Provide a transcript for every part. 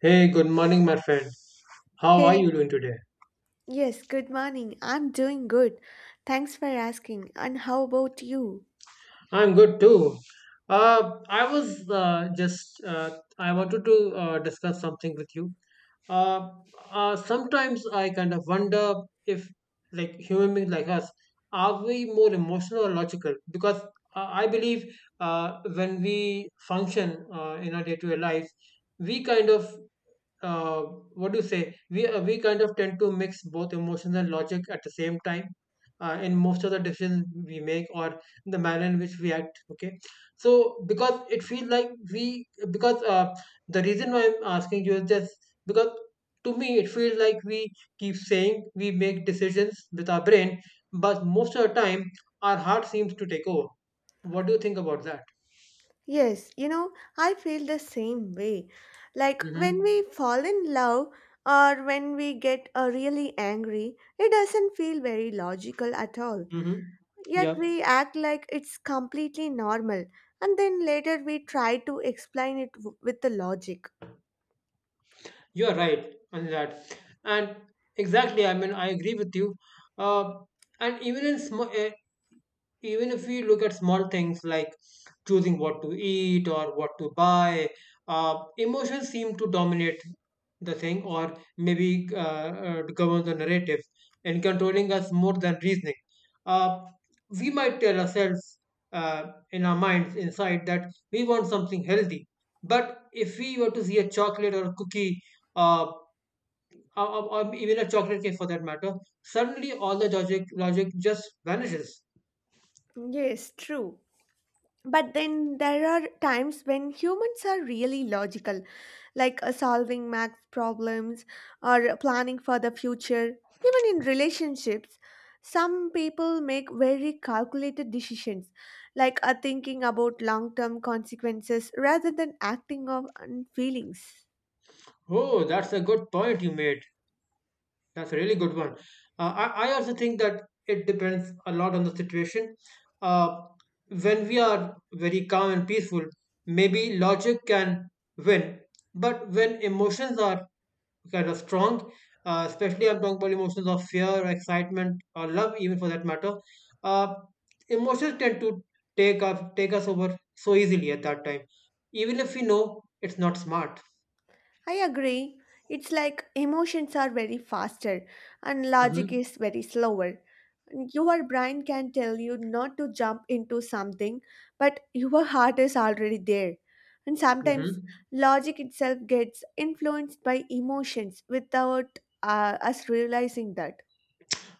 Hey, good morning, my friend. How are Hey, you doing today? yes, good morning. I'm doing good. Thanks for asking. And how about you? I'm good too. Uh, I was uh, just, uh, I wanted to discuss something with you. Uh, sometimes I kind of wonder if, like, human beings like us, are we more emotional or logical? Because I believe when we function in our day to day life, we kind of uh, what do you say? We kind of tend to mix both emotions and logic at the same time in most of the decisions we make or the manner in which we act. Okay, so because it feels like we because the reason why I'm asking you is just because to me it feels like we keep saying we make decisions with our brain, but most of the time our heart seems to take over. What do you think about that? Yes, I feel the same way. Like when we Mm-hmm. fall in love or when we get really angry, it doesn't feel very logical at all. Mm-hmm. Yeah. Yet we act like it's completely normal. And then later we try to explain it with the logic. You're right on that. And exactly, I mean, I agree with you. Uh, and even in even if we look at small things like choosing what to eat or what to buy, emotions seem to dominate the thing, or maybe govern the narrative and controlling us more than reasoning. Uh, we might tell ourselves in our minds inside that we want something healthy, but if we were to see a chocolate or a cookie uh, or even a chocolate cake for that matter, suddenly all the logic just vanishes. Yes, true. But then there are times when humans are really logical, like solving math problems or planning for the future, even in relationships. Some people make very calculated decisions, like thinking about long term consequences rather than acting on feelings. Oh, that's a good point you made. That's a really good one. I also think that it depends a lot on the situation. Uh, when we are very calm and peaceful, maybe logic can win. But when emotions are kind of strong. Especially, I'm talking about emotions of fear, or excitement, or love, even for that matter. Uh, Emotions tend to take us over so easily at that time, even if we know it's not smart. I agree. It's like emotions are very faster and logic Mm-hmm. is very slower. Your brain can tell you not to jump into something, but your heart is already there. And sometimes Mm-hmm. logic itself gets influenced by emotions without us realizing that.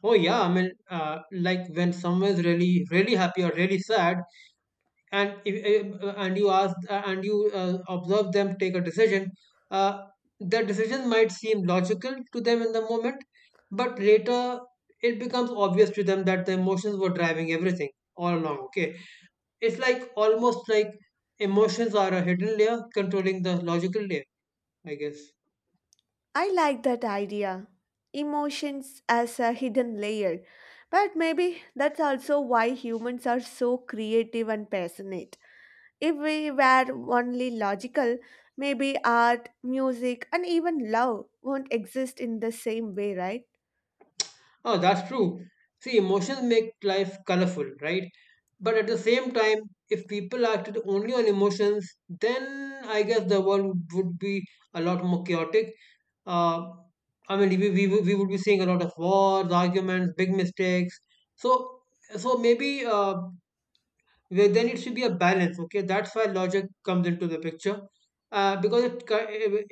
Oh yeah, I mean, like when someone's really, really happy or really sad, and if, and you ask and you observe them take a decision uh, the decision might seem logical to them in the moment but later it becomes obvious to them that the emotions were driving everything all along. Okay, it's almost like emotions are a hidden layer controlling the logical layer, I guess. I like that idea. Emotions as a hidden layer. But maybe that's also why humans are so creative and passionate. If we were only logical, maybe art, music, and even love won't exist in the same way, right? Oh, that's true. See, emotions make life colorful, right? But at the same time, if people acted only on emotions, then I guess the world would be a lot more chaotic. Uh, I mean, we would be seeing a lot of wars, arguments, big mistakes. So, so maybe where there needs to be a balance. Okay, that's why logic comes into the picture, because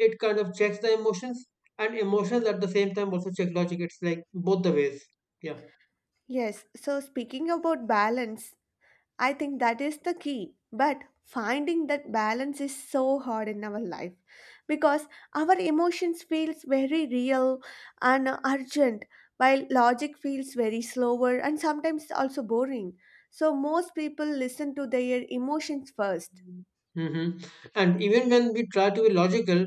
it kind of checks the emotions, and emotions at the same time also check logic. It's like both the ways. Yeah. Yes, so speaking about balance, I think that is the key. But finding that balance is so hard in our life because our emotions feels very real and urgent, while logic feels very slower and sometimes also boring. So most people listen to their emotions first. Hmm. And even when we try to be logical,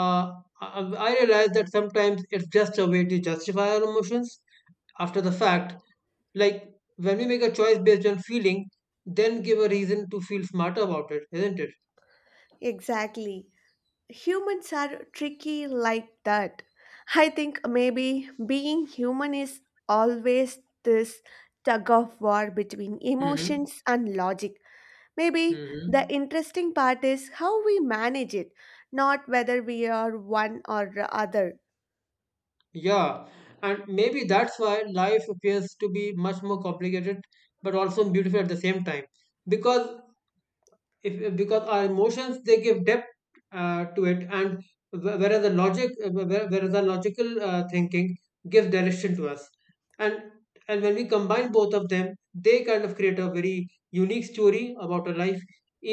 uh, I I realize that sometimes it's just a way to justify our emotions after the fact. Like when we make a choice based on feeling, then give a reason to feel smarter about it, isn't it? Exactly. humans are tricky like that. I think maybe being human is always this tug of war between Mm-hmm. emotions and logic. Maybe the Mm-hmm. interesting part is how we manage it, not whether we are one or the other. Yeah, and maybe that's why life appears to be much more complicated, but also beautiful at the same time. Because if because our emotions they give depth to it and whereas the logic whereas the logical thinking gives direction to us and and when we combine both of them they kind of create a very unique story about our life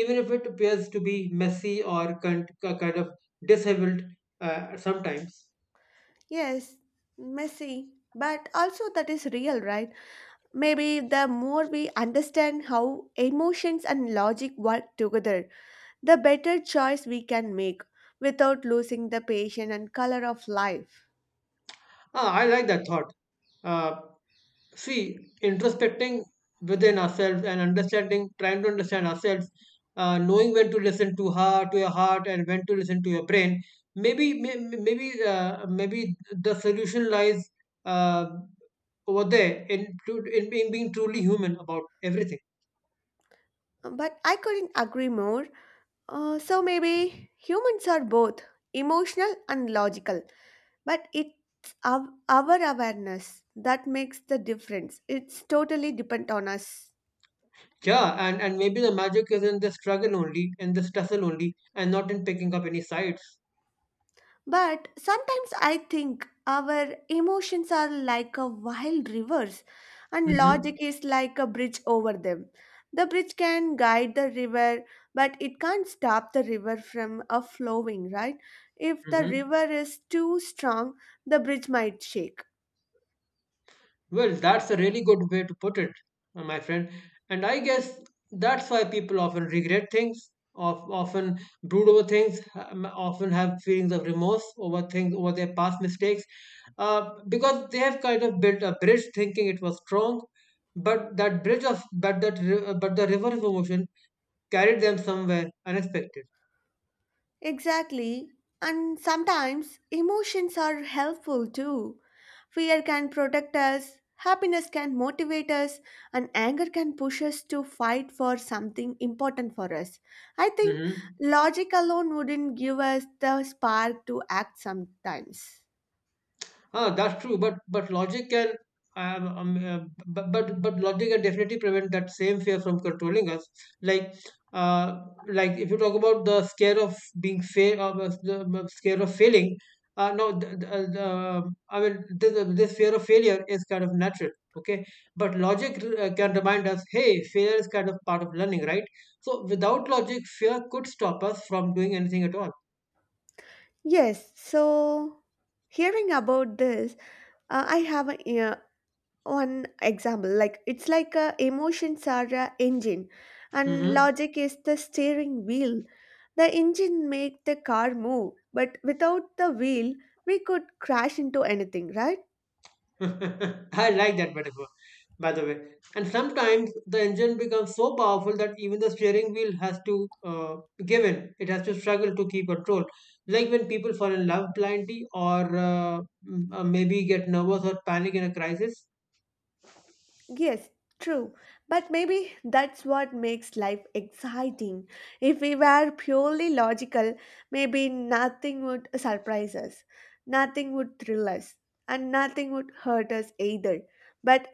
even if it appears to be messy or kind of disheveled sometimes. Yes, messy, but also that is real, right? Maybe the more we understand how emotions and logic work together, the better choice we can make without losing the passion and color of life. I like that thought. uh, See, introspecting within ourselves and understanding, trying to understand ourselves, knowing when to listen to heart to your heart and when to listen to your brain. Maybe the solution lies uh, over there in, in being truly human about everything. But I couldn't agree more. So maybe humans are both emotional and logical, but it's our awareness that makes the difference. It's totally depend on us. Yeah, and maybe the magic is in the struggle only, in the tussle only, and not in picking up any sides. But sometimes I think our emotions are like a wild rivers and Mm-hmm. logic is like a bridge over them. The bridge can guide the river, but it can't stop the river from a flowing, right? If the Mm-hmm. river is too strong, the bridge might shake. Well, that's a really good way to put it, my friend. And I guess that's why people often regret things, of often brood over things, often have feelings of remorse over things, over their past mistakes, because they have kind of built a bridge, thinking it was strong, but that bridge of but that ri- but the river of emotion carried them somewhere unexpected. Exactly. And sometimes emotions are helpful too. Fear can protect us, happiness can motivate us, and anger can push us to fight for something important for us. I think Hmm. logic alone wouldn't give us the spark to act sometimes. Ah, that's true. But um, um, uh, but logic can definitely prevent that same fear from controlling us. Like, uh, like if you talk about the scare of being fail, the scare of failing. No, the, I mean this fear of failure is kind of natural. Okay, but logic can remind us, hey, failure is kind of part of learning, right? So without logic, fear could stop us from doing anything at all. Yes, so hearing about this, I have one example, like it's like a emotions are a engine and Mm-hmm. logic is the steering wheel. The engine make the car move, but without the wheel we could crash into anything, right? I like that metaphor, by the way. And sometimes the engine becomes so powerful that even the steering wheel has to give in. It has to struggle to keep control. Like when people fall in love blindly or maybe get nervous or panic in a crisis. Yes, true. But maybe that's what makes life exciting. If we were purely logical, maybe nothing would surprise us, nothing would thrill us, and nothing would hurt us either. But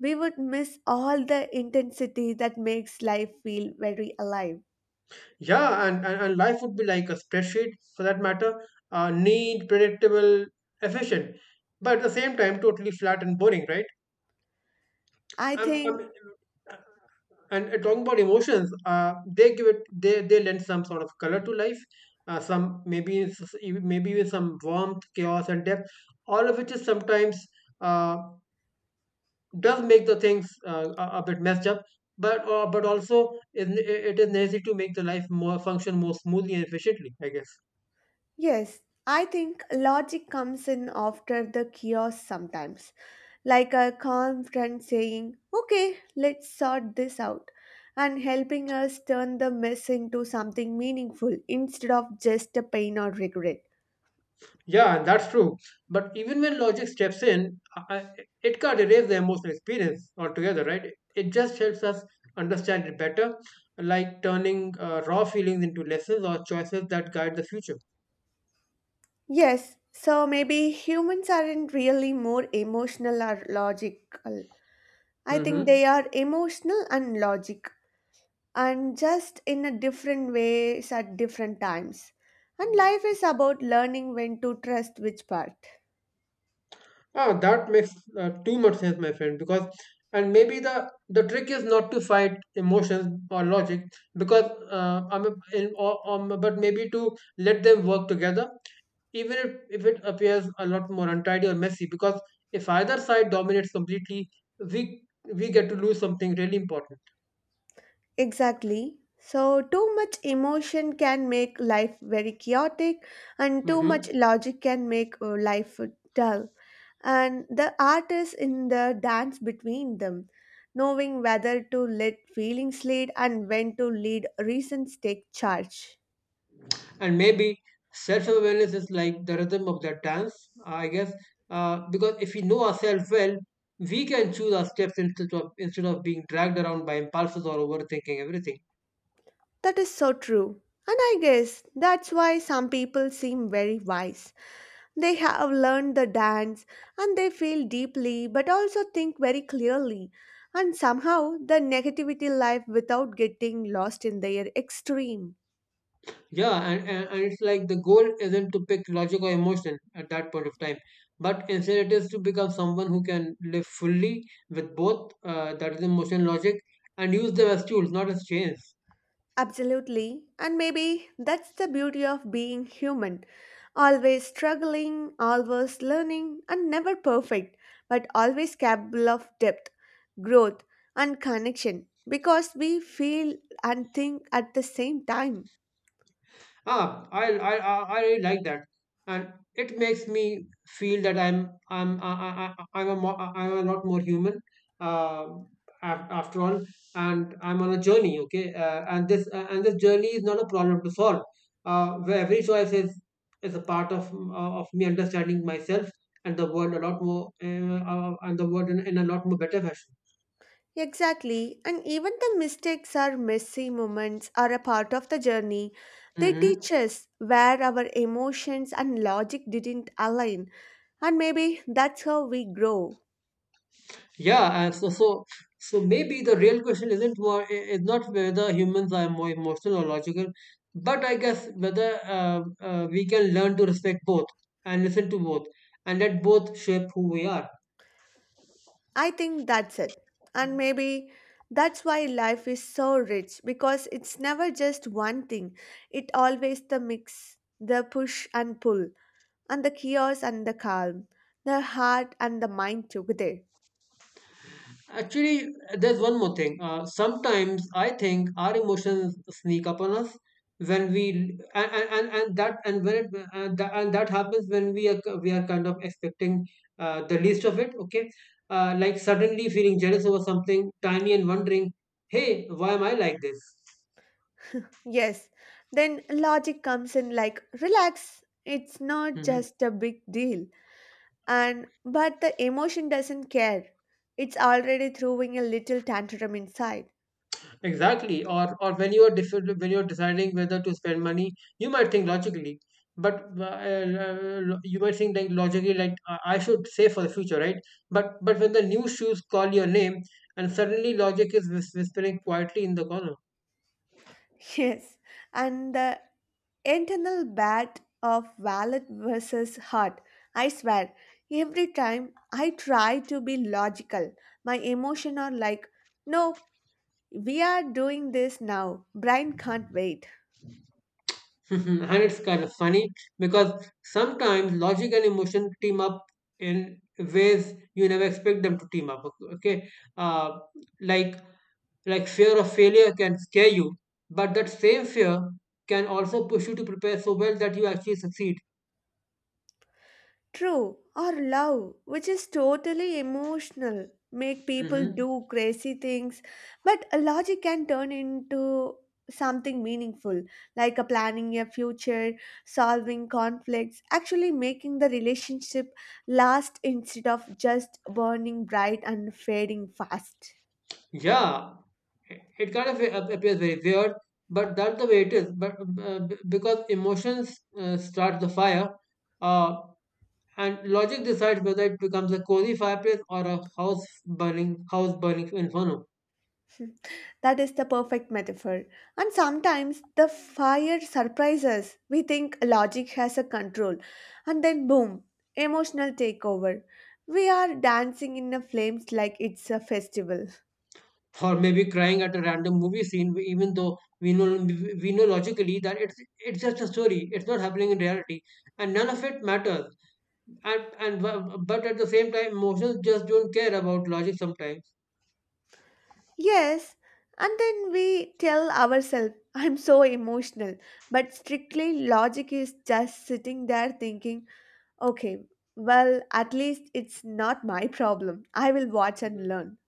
we would miss all the intensity that makes life feel very alive. Yeah, and life would be like a spreadsheet for that matter, neat, predictable, efficient, but at the same time, totally flat and boring, right? I I'm think. and Talking about emotions, they give it they lend some sort of color to life, some maybe it's even- maybe with some warmth, chaos and depth, all of which is sometimes uh, does make the things a bit messed up, but also it is necessary to make the life more function more smoothly and efficiently, I guess. Yes, I think logic comes in after the chaos sometimes. Like a calm friend saying, okay, let's sort this out, and helping us turn the mess into something meaningful instead of just a pain or regret. Yeah, and that's true. But even when logic steps in, it can't erase the emotional experience altogether, right? It just helps us understand it better, like turning raw feelings into lessons or choices that guide the future. Yes, so maybe humans aren't really more emotional or logical. I think Mm-hmm. they are emotional and logic, and just in a different ways at different times. And life is about learning when to trust which part. Ah, that makes too much sense, my friend. Because and maybe the trick is not to fight emotions or logic, because I'm a, in, or, but maybe to let them work together even if it appears a lot more untidy or messy, because if either side dominates completely we we get to lose something really important. Exactly. So, too much emotion can make life very chaotic, and too much Hmm. logic can make life dull. And the art is in the dance between them, knowing whether to let feelings lead and when to lead reasons take charge. And maybe self-awareness is like the rhythm of that dance, I guess, because if we know ourselves well we can choose our steps instead of being dragged around by impulses or overthinking everything. That is so true. And I guess that's why some people seem very wise. They have learned the dance and they feel deeply but also think very clearly. And somehow the negativity life without getting lost in their extreme. Yeah, and it's like the goal isn't to pick logic or emotion at that point of time, but instead it is to become someone who can live fully with both, that is emotion and logic, and use them as tools, not as chains. Absolutely. And maybe that's the beauty of being human. Always struggling, always learning, and never perfect, but always capable of depth, growth, and connection because we feel and think at the same time. I really like that, and it makes me feel that I'm I- I'm a mo- I'm a lot more human. Uh, After all, and I'm on a journey. Okay, and this journey is not a problem to solve. Where every choice is a part of me understanding myself and the world a lot more, and the world in a lot more better fashion. Exactly. And even the mistakes or messy moments are a part of the journey. They Hmm. teach us where our emotions and logic didn't align, and maybe that's how we grow. Yeah, and so maybe the real question isn't more is not whether humans are more emotional or logical, but I guess whether we can learn to respect both and listen to both and let both shape who we are. I think that's it. And maybe that's why life is so rich, because it's never just one thing. It always the mix, the push and pull, and the chaos and the calm, the heart and the mind together. Actually, there's one more thing. Sometimes I think our emotions sneak up on us when we and that and when it and that happens when we are kind of expecting the least of it. Okay, like suddenly feeling jealous over something tiny and wondering, hey, why am I like this? Yes. Then logic comes in like, relax. It's not just a big deal. And but the emotion doesn't care. It's already throwing a little tantrum inside. Exactly. Or when you're deciding whether to spend money, you might think logically, but you might think like logically like I should save for the future, right? But when the new shoes call your name, and suddenly logic is whispering quietly in the corner. Yes. And the internal bat of wallet versus heart. I swear, every time I try to be logical, my emotion are like, nope, we are doing this now. Brain can't wait. And it's kind of funny because sometimes logic and emotion team up in ways you never expect them to team up. Okay? uh, like Like fear of failure can scare you, but that same fear can also push you to prepare so well that you actually succeed. True, or love, which is totally emotional, make people Hmm. do crazy things, but a logic can turn into something meaningful, like a planning a future, solving conflicts, actually making the relationship last instead of just burning bright and fading fast. Yeah, it kind of appears very weird, but that's the way it is. But because emotions start the fire, uh, and logic decides whether it becomes a cozy fireplace or a house burning inferno. That is the perfect metaphor. And sometimes the fire surprises. We think logic has a control, and then boom, emotional takeover. We are dancing in the flames like it's a festival. Or maybe crying at a random movie scene even though we know logically that it's just a story, it's not happening in reality, and none of it matters, and but at the same time emotions just don't care about logic sometimes. Yes, and then we tell ourselves, I'm so emotional. But strictly, logic is just sitting there thinking, okay, well, at least it's not my problem. I will watch and learn.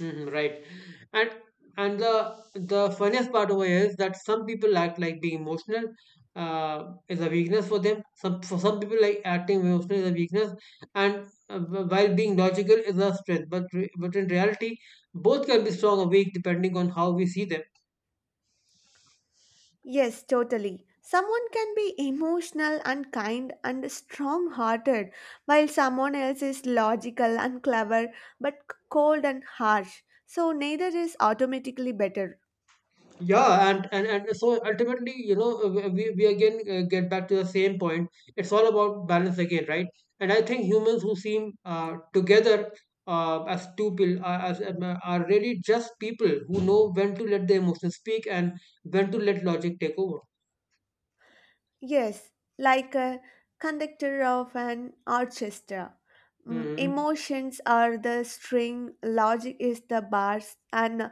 Mhm, right. And the funniest part over here is that some people act like being emotional is a weakness for them. Some for some people, like, acting emotional is a weakness, and while being logical is a strength. But in reality, both can be strong or weak depending on how we see them. Yes, totally. Someone can be emotional and kind and strong hearted, while someone else is logical and clever but cold and harsh. So, neither is automatically better. Yeah, and so ultimately, you know, we again get back to the same point. It's all about balance again, right? And I think humans who seem together as two people as are really just people who know when to let their emotions speak and when to let logic take over. Yes, like a conductor of an orchestra. Hmm. Emotions are the string, logic is the bars, and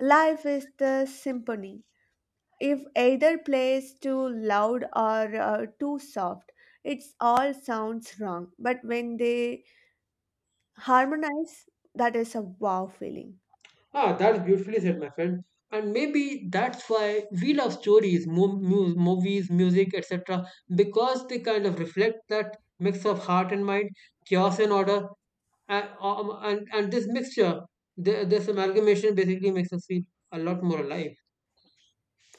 life is the symphony. If either plays too loud or too soft, it all sounds wrong. But when they harmonize, that is a wow feeling. Ah, that's beautifully said, my friend. And maybe that's why we love stories, movies, music, etc., because they kind of reflect that mix of heart and mind, chaos and order and, this mixture, this amalgamation basically makes us feel a lot more alive.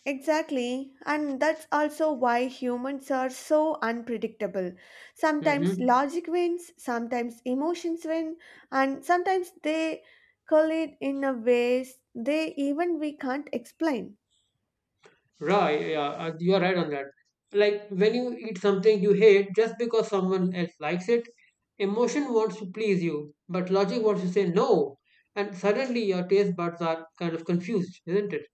Exactly. And that's also why humans are so unpredictable. Sometimes Mm-hmm. logic wins, sometimes emotions win, and sometimes they collide in a ways they even we can't explain. Right, yeah, you are right on that. Like when you eat something you hate just because someone else likes it, emotion wants to please you, but logic wants to say no, and suddenly your taste buds are kind of confused, isn't it?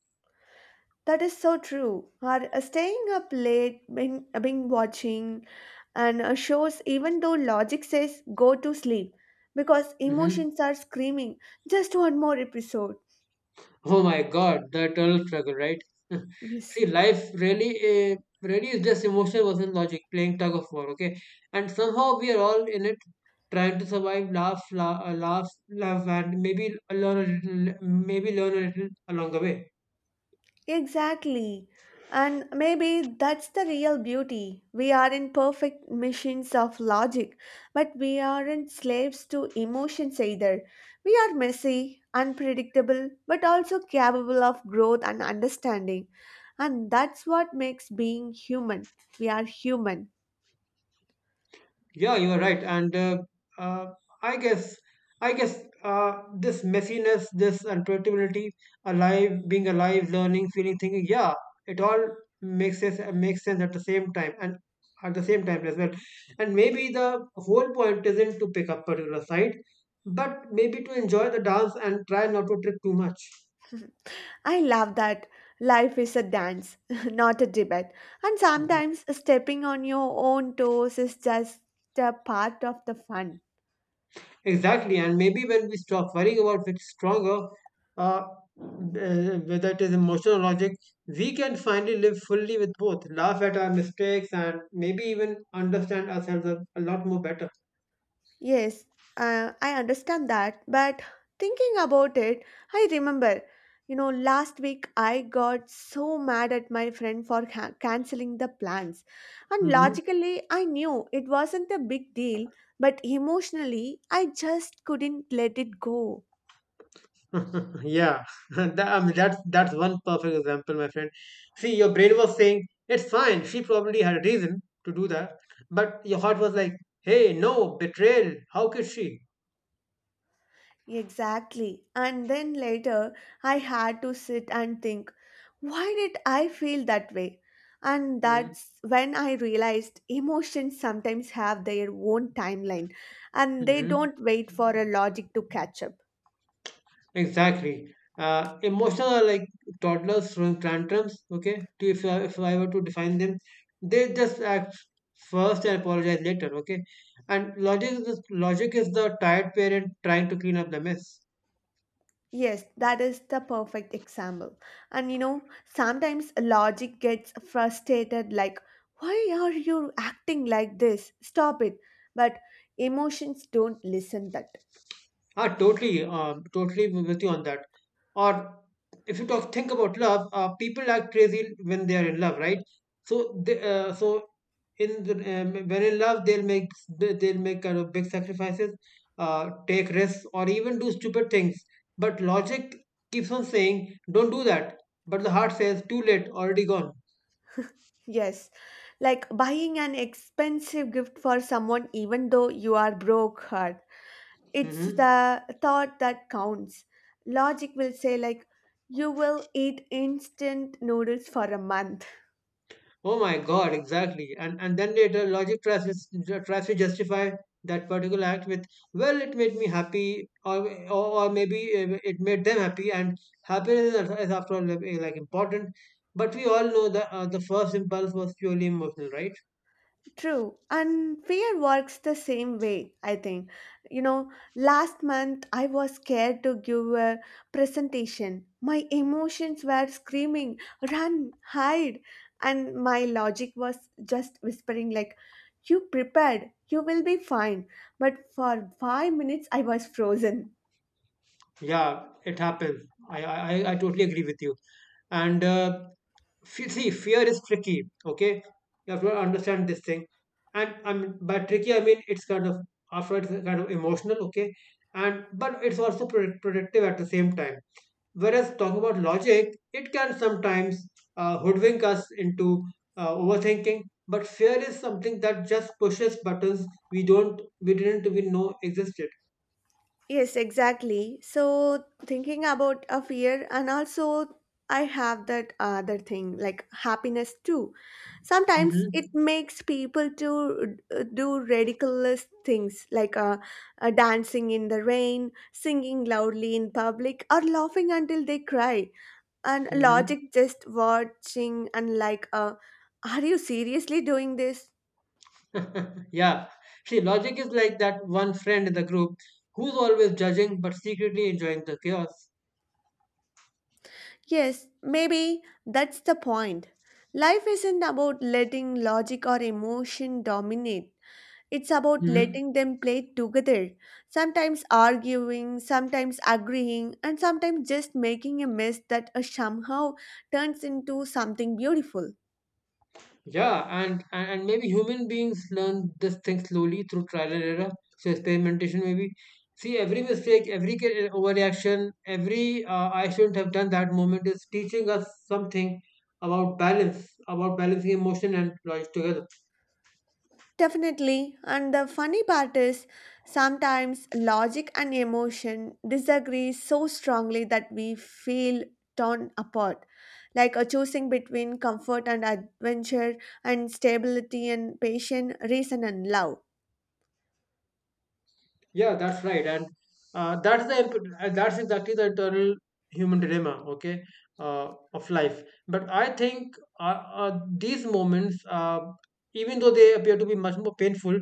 That is so true. Or staying up late, being watching, and shows, even though logic says go to sleep, because Mm-hmm. emotions are screaming, just one more episode. Oh my God, the eternal struggle, right? Yes. See, life really, really is just emotion versus logic, playing tug of war, okay? And somehow we are all in it, trying to survive, laugh, and maybe learn a little along the way. Exactly. And maybe that's the real beauty. We aren't perfect machines of logic, but we aren't slaves to emotions either. We are messy, unpredictable, but also capable of growth and understanding. And that's what makes being human. We are human. Yeah, you are right. And uh, I guess, I guess this messiness, this unpredictability, alive, being alive, learning, feeling, thinking, yeah, it all makes sense at the same time and at the same time as well. And maybe the whole point isn't to pick up particular side, but maybe to enjoy the dance and try not to trip too much. I love that. Life is a dance, not a debate. And sometimes stepping on your own toes is just a part of the fun. Exactly, and maybe when we stop worrying about which is stronger, uh, uh, whether it is emotional or logic, we can finally live fully with both, laugh at our mistakes, and maybe even understand ourselves a lot more better. Yes, I understand that, but thinking about it, I remember, last week I got so mad at my friend for canceling the plans. And Hmm. logically, I knew it wasn't a big deal, but emotionally, I just couldn't let it go. yeah, I mean, that's one perfect example, my friend. See, your brain was saying it's fine. She probably had a reason to do that, but your heart was like, "Hey, no betrayal. How could she?" Exactly. And then later, I had to sit and think, why did I feel that way? And that's when I realized emotions sometimes have their own timeline and they Mm-hmm. don't wait for a logic to catch up. Exactly. Emotional are like toddlers throwing tantrums. Okay, if I were to define them, they just act first and apologize later. Okay, and logic is the tired parent trying to clean up the mess. Yes, that is the perfect example. And sometimes logic gets frustrated like, why are you acting like this? Stop it. But emotions don't listen that. Ah, totally, totally with you on that. Or if you think about love, people act crazy when they are in love, right? So they, so in the, when in love, they'll make kind of big sacrifices, take risks, or even do stupid things. But logic keeps on saying, "Don't do that," but the heart says, "Too late, already gone." Yes, like buying an expensive gift for someone even though you are broke hard. It's Hmm. the thought that counts. Logic will say like, you will eat instant noodles for a month. Oh my God, exactly. And then later, logic tries to, tries to justify that particular act with, well, it made me happy, or maybe it made them happy, and happiness is after all like important. But we all know that the first impulse was purely emotional, right? True, and fear works the same way, I think. Last month I was scared to give a presentation. My emotions were screaming, run, hide, and my logic was just whispering, like, you prepared, you will be fine. But for 5 minutes I was frozen. Yeah, it happens. I totally agree with you. And see fear is tricky, okay, you have to understand this thing, and I mean by tricky I mean it's kind of after it's kind of emotional, okay, and but it's also productive at the same time, whereas talking about logic it can sometimes hoodwink us into overthinking, but fear is something that just pushes buttons we didn't even know existed. Yes, exactly. So thinking about a fear, and also I have that other thing like happiness too. Sometimes it Hmm. makes people to do ridiculous things like dancing in the rain, singing loudly in public, or laughing until they cry. And Hmm. logic just watching and like, are you seriously doing this? Yeah, see, logic is like that one friend in the group who's always judging but secretly enjoying the chaos. Yes, maybe that's the point. Life isn't about letting logic or emotion dominate. It's about Hmm. letting them play together, sometimes arguing, sometimes agreeing, and sometimes just making a mess that somehow turns into something beautiful. Yeah, and maybe human beings learn this thing slowly through trial and error, so experimentation maybe. See, every mistake, every overreaction, every I shouldn't have done that moment is teaching us something about balance, about balancing emotion and logic together. Definitely. And the funny part is, sometimes logic and emotion disagree so strongly that we feel torn apart. Like a choosing between comfort and adventure and stability and patience, reason and love. Yeah, that's right, and uh, that's the imp- that's exactly the eternal human dilemma, okay, of life. But I think these moments, even though they appear to be much more painful,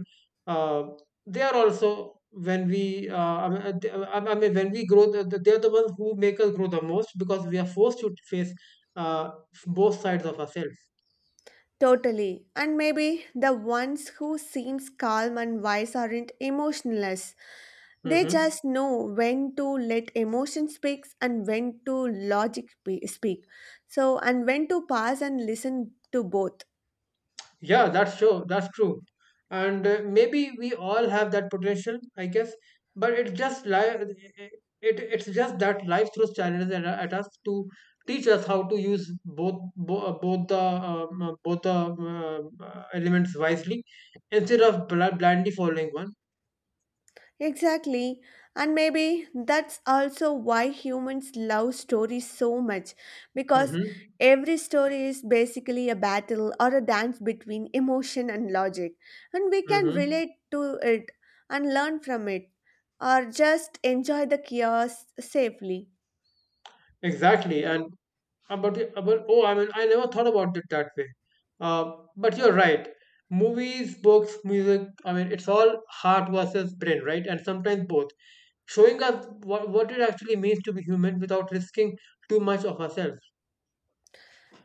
uh, they are also when we, I mean, th- I mean, when we grow, they are the ones who make us grow the most because we are forced to face uh, both sides of ourselves. Totally. And maybe the ones who seems calm and wise aren't emotionless. They Hmm. just know when to let emotion speak and when to logic speak. So and when to pause and listen to both. Yeah, that's true. That's true. And maybe we all have that potential, I guess. But it's just life. It's just that life throws challenges at us to teach us how to use both bo- both the elements wisely instead of blindly following one. Exactly. And maybe that's also why humans love stories so much, because Mm-hmm. every story is basically a battle or a dance between emotion and logic. And we can Mm-hmm. relate to it and learn from it, or just enjoy the chaos safely. Exactly, and about the about oh, I mean, I never thought about it that way. Uh, but you're right. Movies, books, music. I mean, it's all heart versus brain, right? And sometimes both, showing us what it actually means to be human without risking too much of ourselves.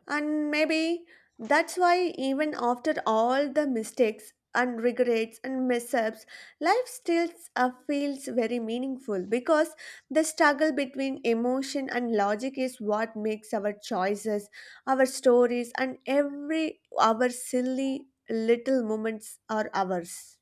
And maybe that's why, even after all the mistakes and regrets and mishaps, life still feels very meaningful, because the struggle between emotion and logic is what makes our choices, our stories, and every our silly little moments are ours.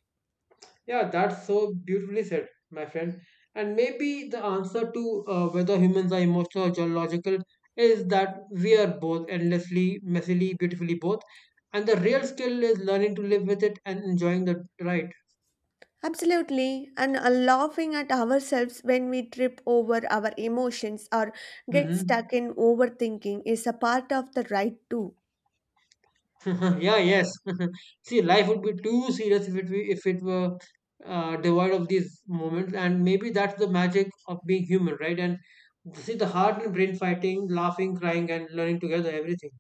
Yeah, that's so beautifully said, my friend. And maybe the answer to whether humans are emotional or geological is that we are both endlessly, messily, beautifully both. And the real skill is learning to live with it and enjoying the ride. Absolutely, and laughing at ourselves when we trip over our emotions or get Mm-hmm. stuck in overthinking is a part of the ride too. yeah, yes. See, life would be too serious if if it were devoid of these moments. And maybe that's the magic of being human, right? And see, the heart and brain fighting, laughing, crying, and learning together, everything.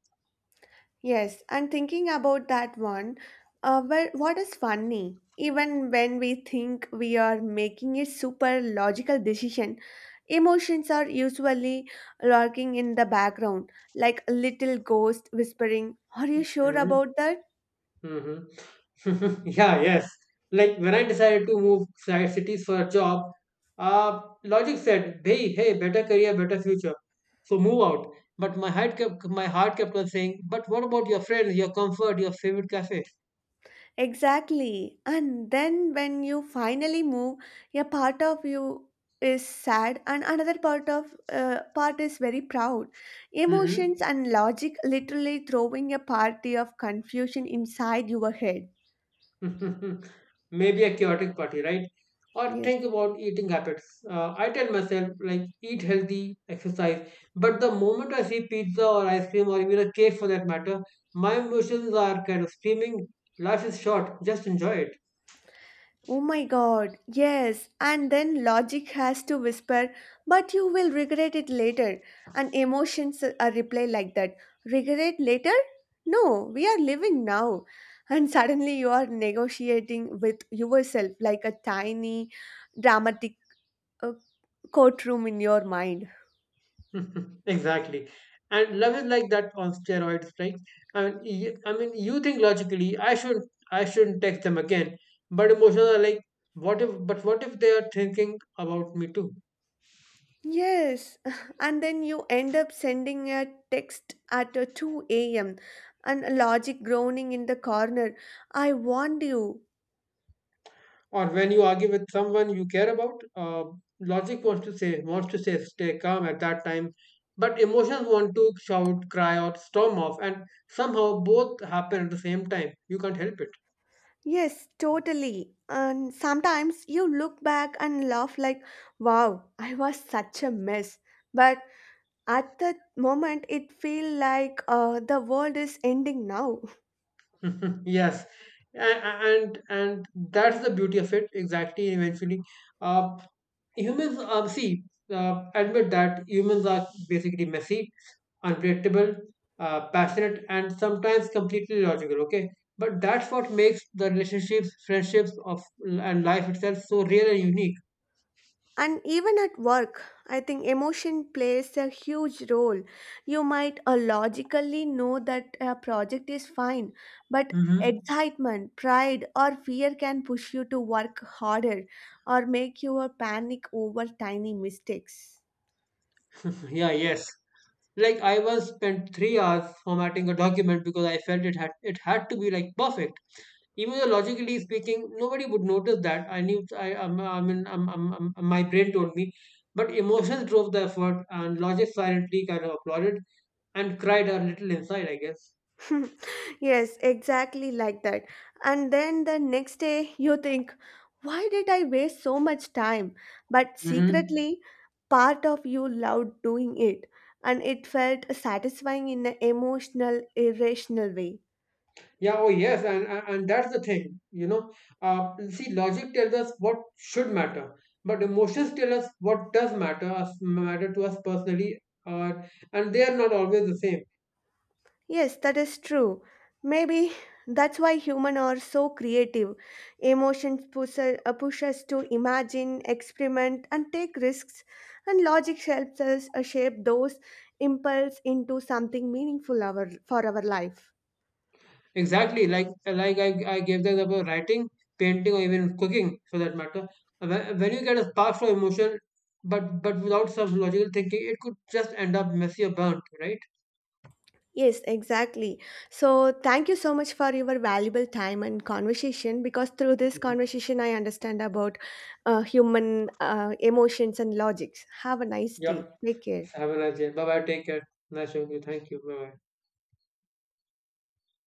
Yes, and thinking about that one, well, what is funny? Even when we think we are making a super logical decision, emotions are usually lurking in the background, like a little ghost whispering, are you sure Hmm. about that? Mm-hmm. Yeah, yes. Like when I decided to move side cities for a job, logic said, "Hey, hey, better career, better future, so move out." But my heart kept on saying, "But what about your friends, your comfort, your favorite cafe?" Exactly. And then when you finally move, a part of you is sad and another part of part is very proud. Mm-hmm. Emotions and logic literally throwing a party of confusion inside your head. Maybe a chaotic party, right? Or Yes. think about eating habits. I tell myself, like, eat healthy, exercise. But the moment I see pizza or ice cream or even a cake for that matter, my emotions are kind of screaming, life is short, just enjoy Oh my God, yes, and then logic has to whisper, but you will regret it later. And emotions a reply like that, regret later? No, we are living now. And suddenly you are negotiating with yourself like a tiny dramatic uh, courtroom in your mind. it. Exactly. And love is like that on steroids, right? I mean, I mean, you think logically, I shouldn't text them again. But emotions are like, what if? But what if they are thinking about me too? Yes, and then you end up sending a text at 2 a.m. and logic groaning in the corner. I warned you. Or when you argue with someone you care about, logic wants to say stay calm at that time, but emotions want to shout, cry, or storm off, and somehow both happen at the same time, you can't help it. Yes, totally. And sometimes you look back and laugh like, wow, I was such a mess. But at the moment, it feels like the world is ending now. yes. And that's the beauty of it, exactly, eventually, uh, humans, see, admit that humans are basically messy, unpredictable, passionate, and sometimes completely logical, okay, but that's what makes the relationships, friendships of and life itself so real and unique. And even at work, I think emotion plays a huge role. You might logically know that a project is fine, but Hmm. excitement, pride, or fear can push you to work harder or make you panic over tiny mistakes. Yeah, yes. Like I once spent 3 hours formatting a document because I felt it had to be like perfect. Even though logically speaking, nobody would notice that. I knew my brain told me, but emotions drove the effort, and logic silently kind of applauded and cried a little inside, I guess. Yes, exactly like that. And then the next day, you think, why did I waste so much time? But Mm-hmm. secretly, part of you loved doing it, and it felt satisfying in an emotional, irrational way. Yeah, oh yes, and that's the thing, you know. See, logic tells us what should matter, but emotions tell us what does matter to us personally, or and they are not always the same. Yes, that is true. Maybe that's why humans are so creative. Emotions push us to imagine, experiment, and take risks, and logic helps us shape those impulse into something meaningful for our life. Exactly, like I gave the example of writing, painting, or even cooking for that matter. When you get a spark from emotion, but without some logical thinking, it could just end up messy or burnt, right? Yes, exactly. So, thank you so much for your valuable time and conversation, because through this Mhm. conversation I understand about human emotions and logics. Have a nice day. Yep. Take care. Have a nice day. Bye bye. Take care. Nice talking to you. Thank you. Bye bye.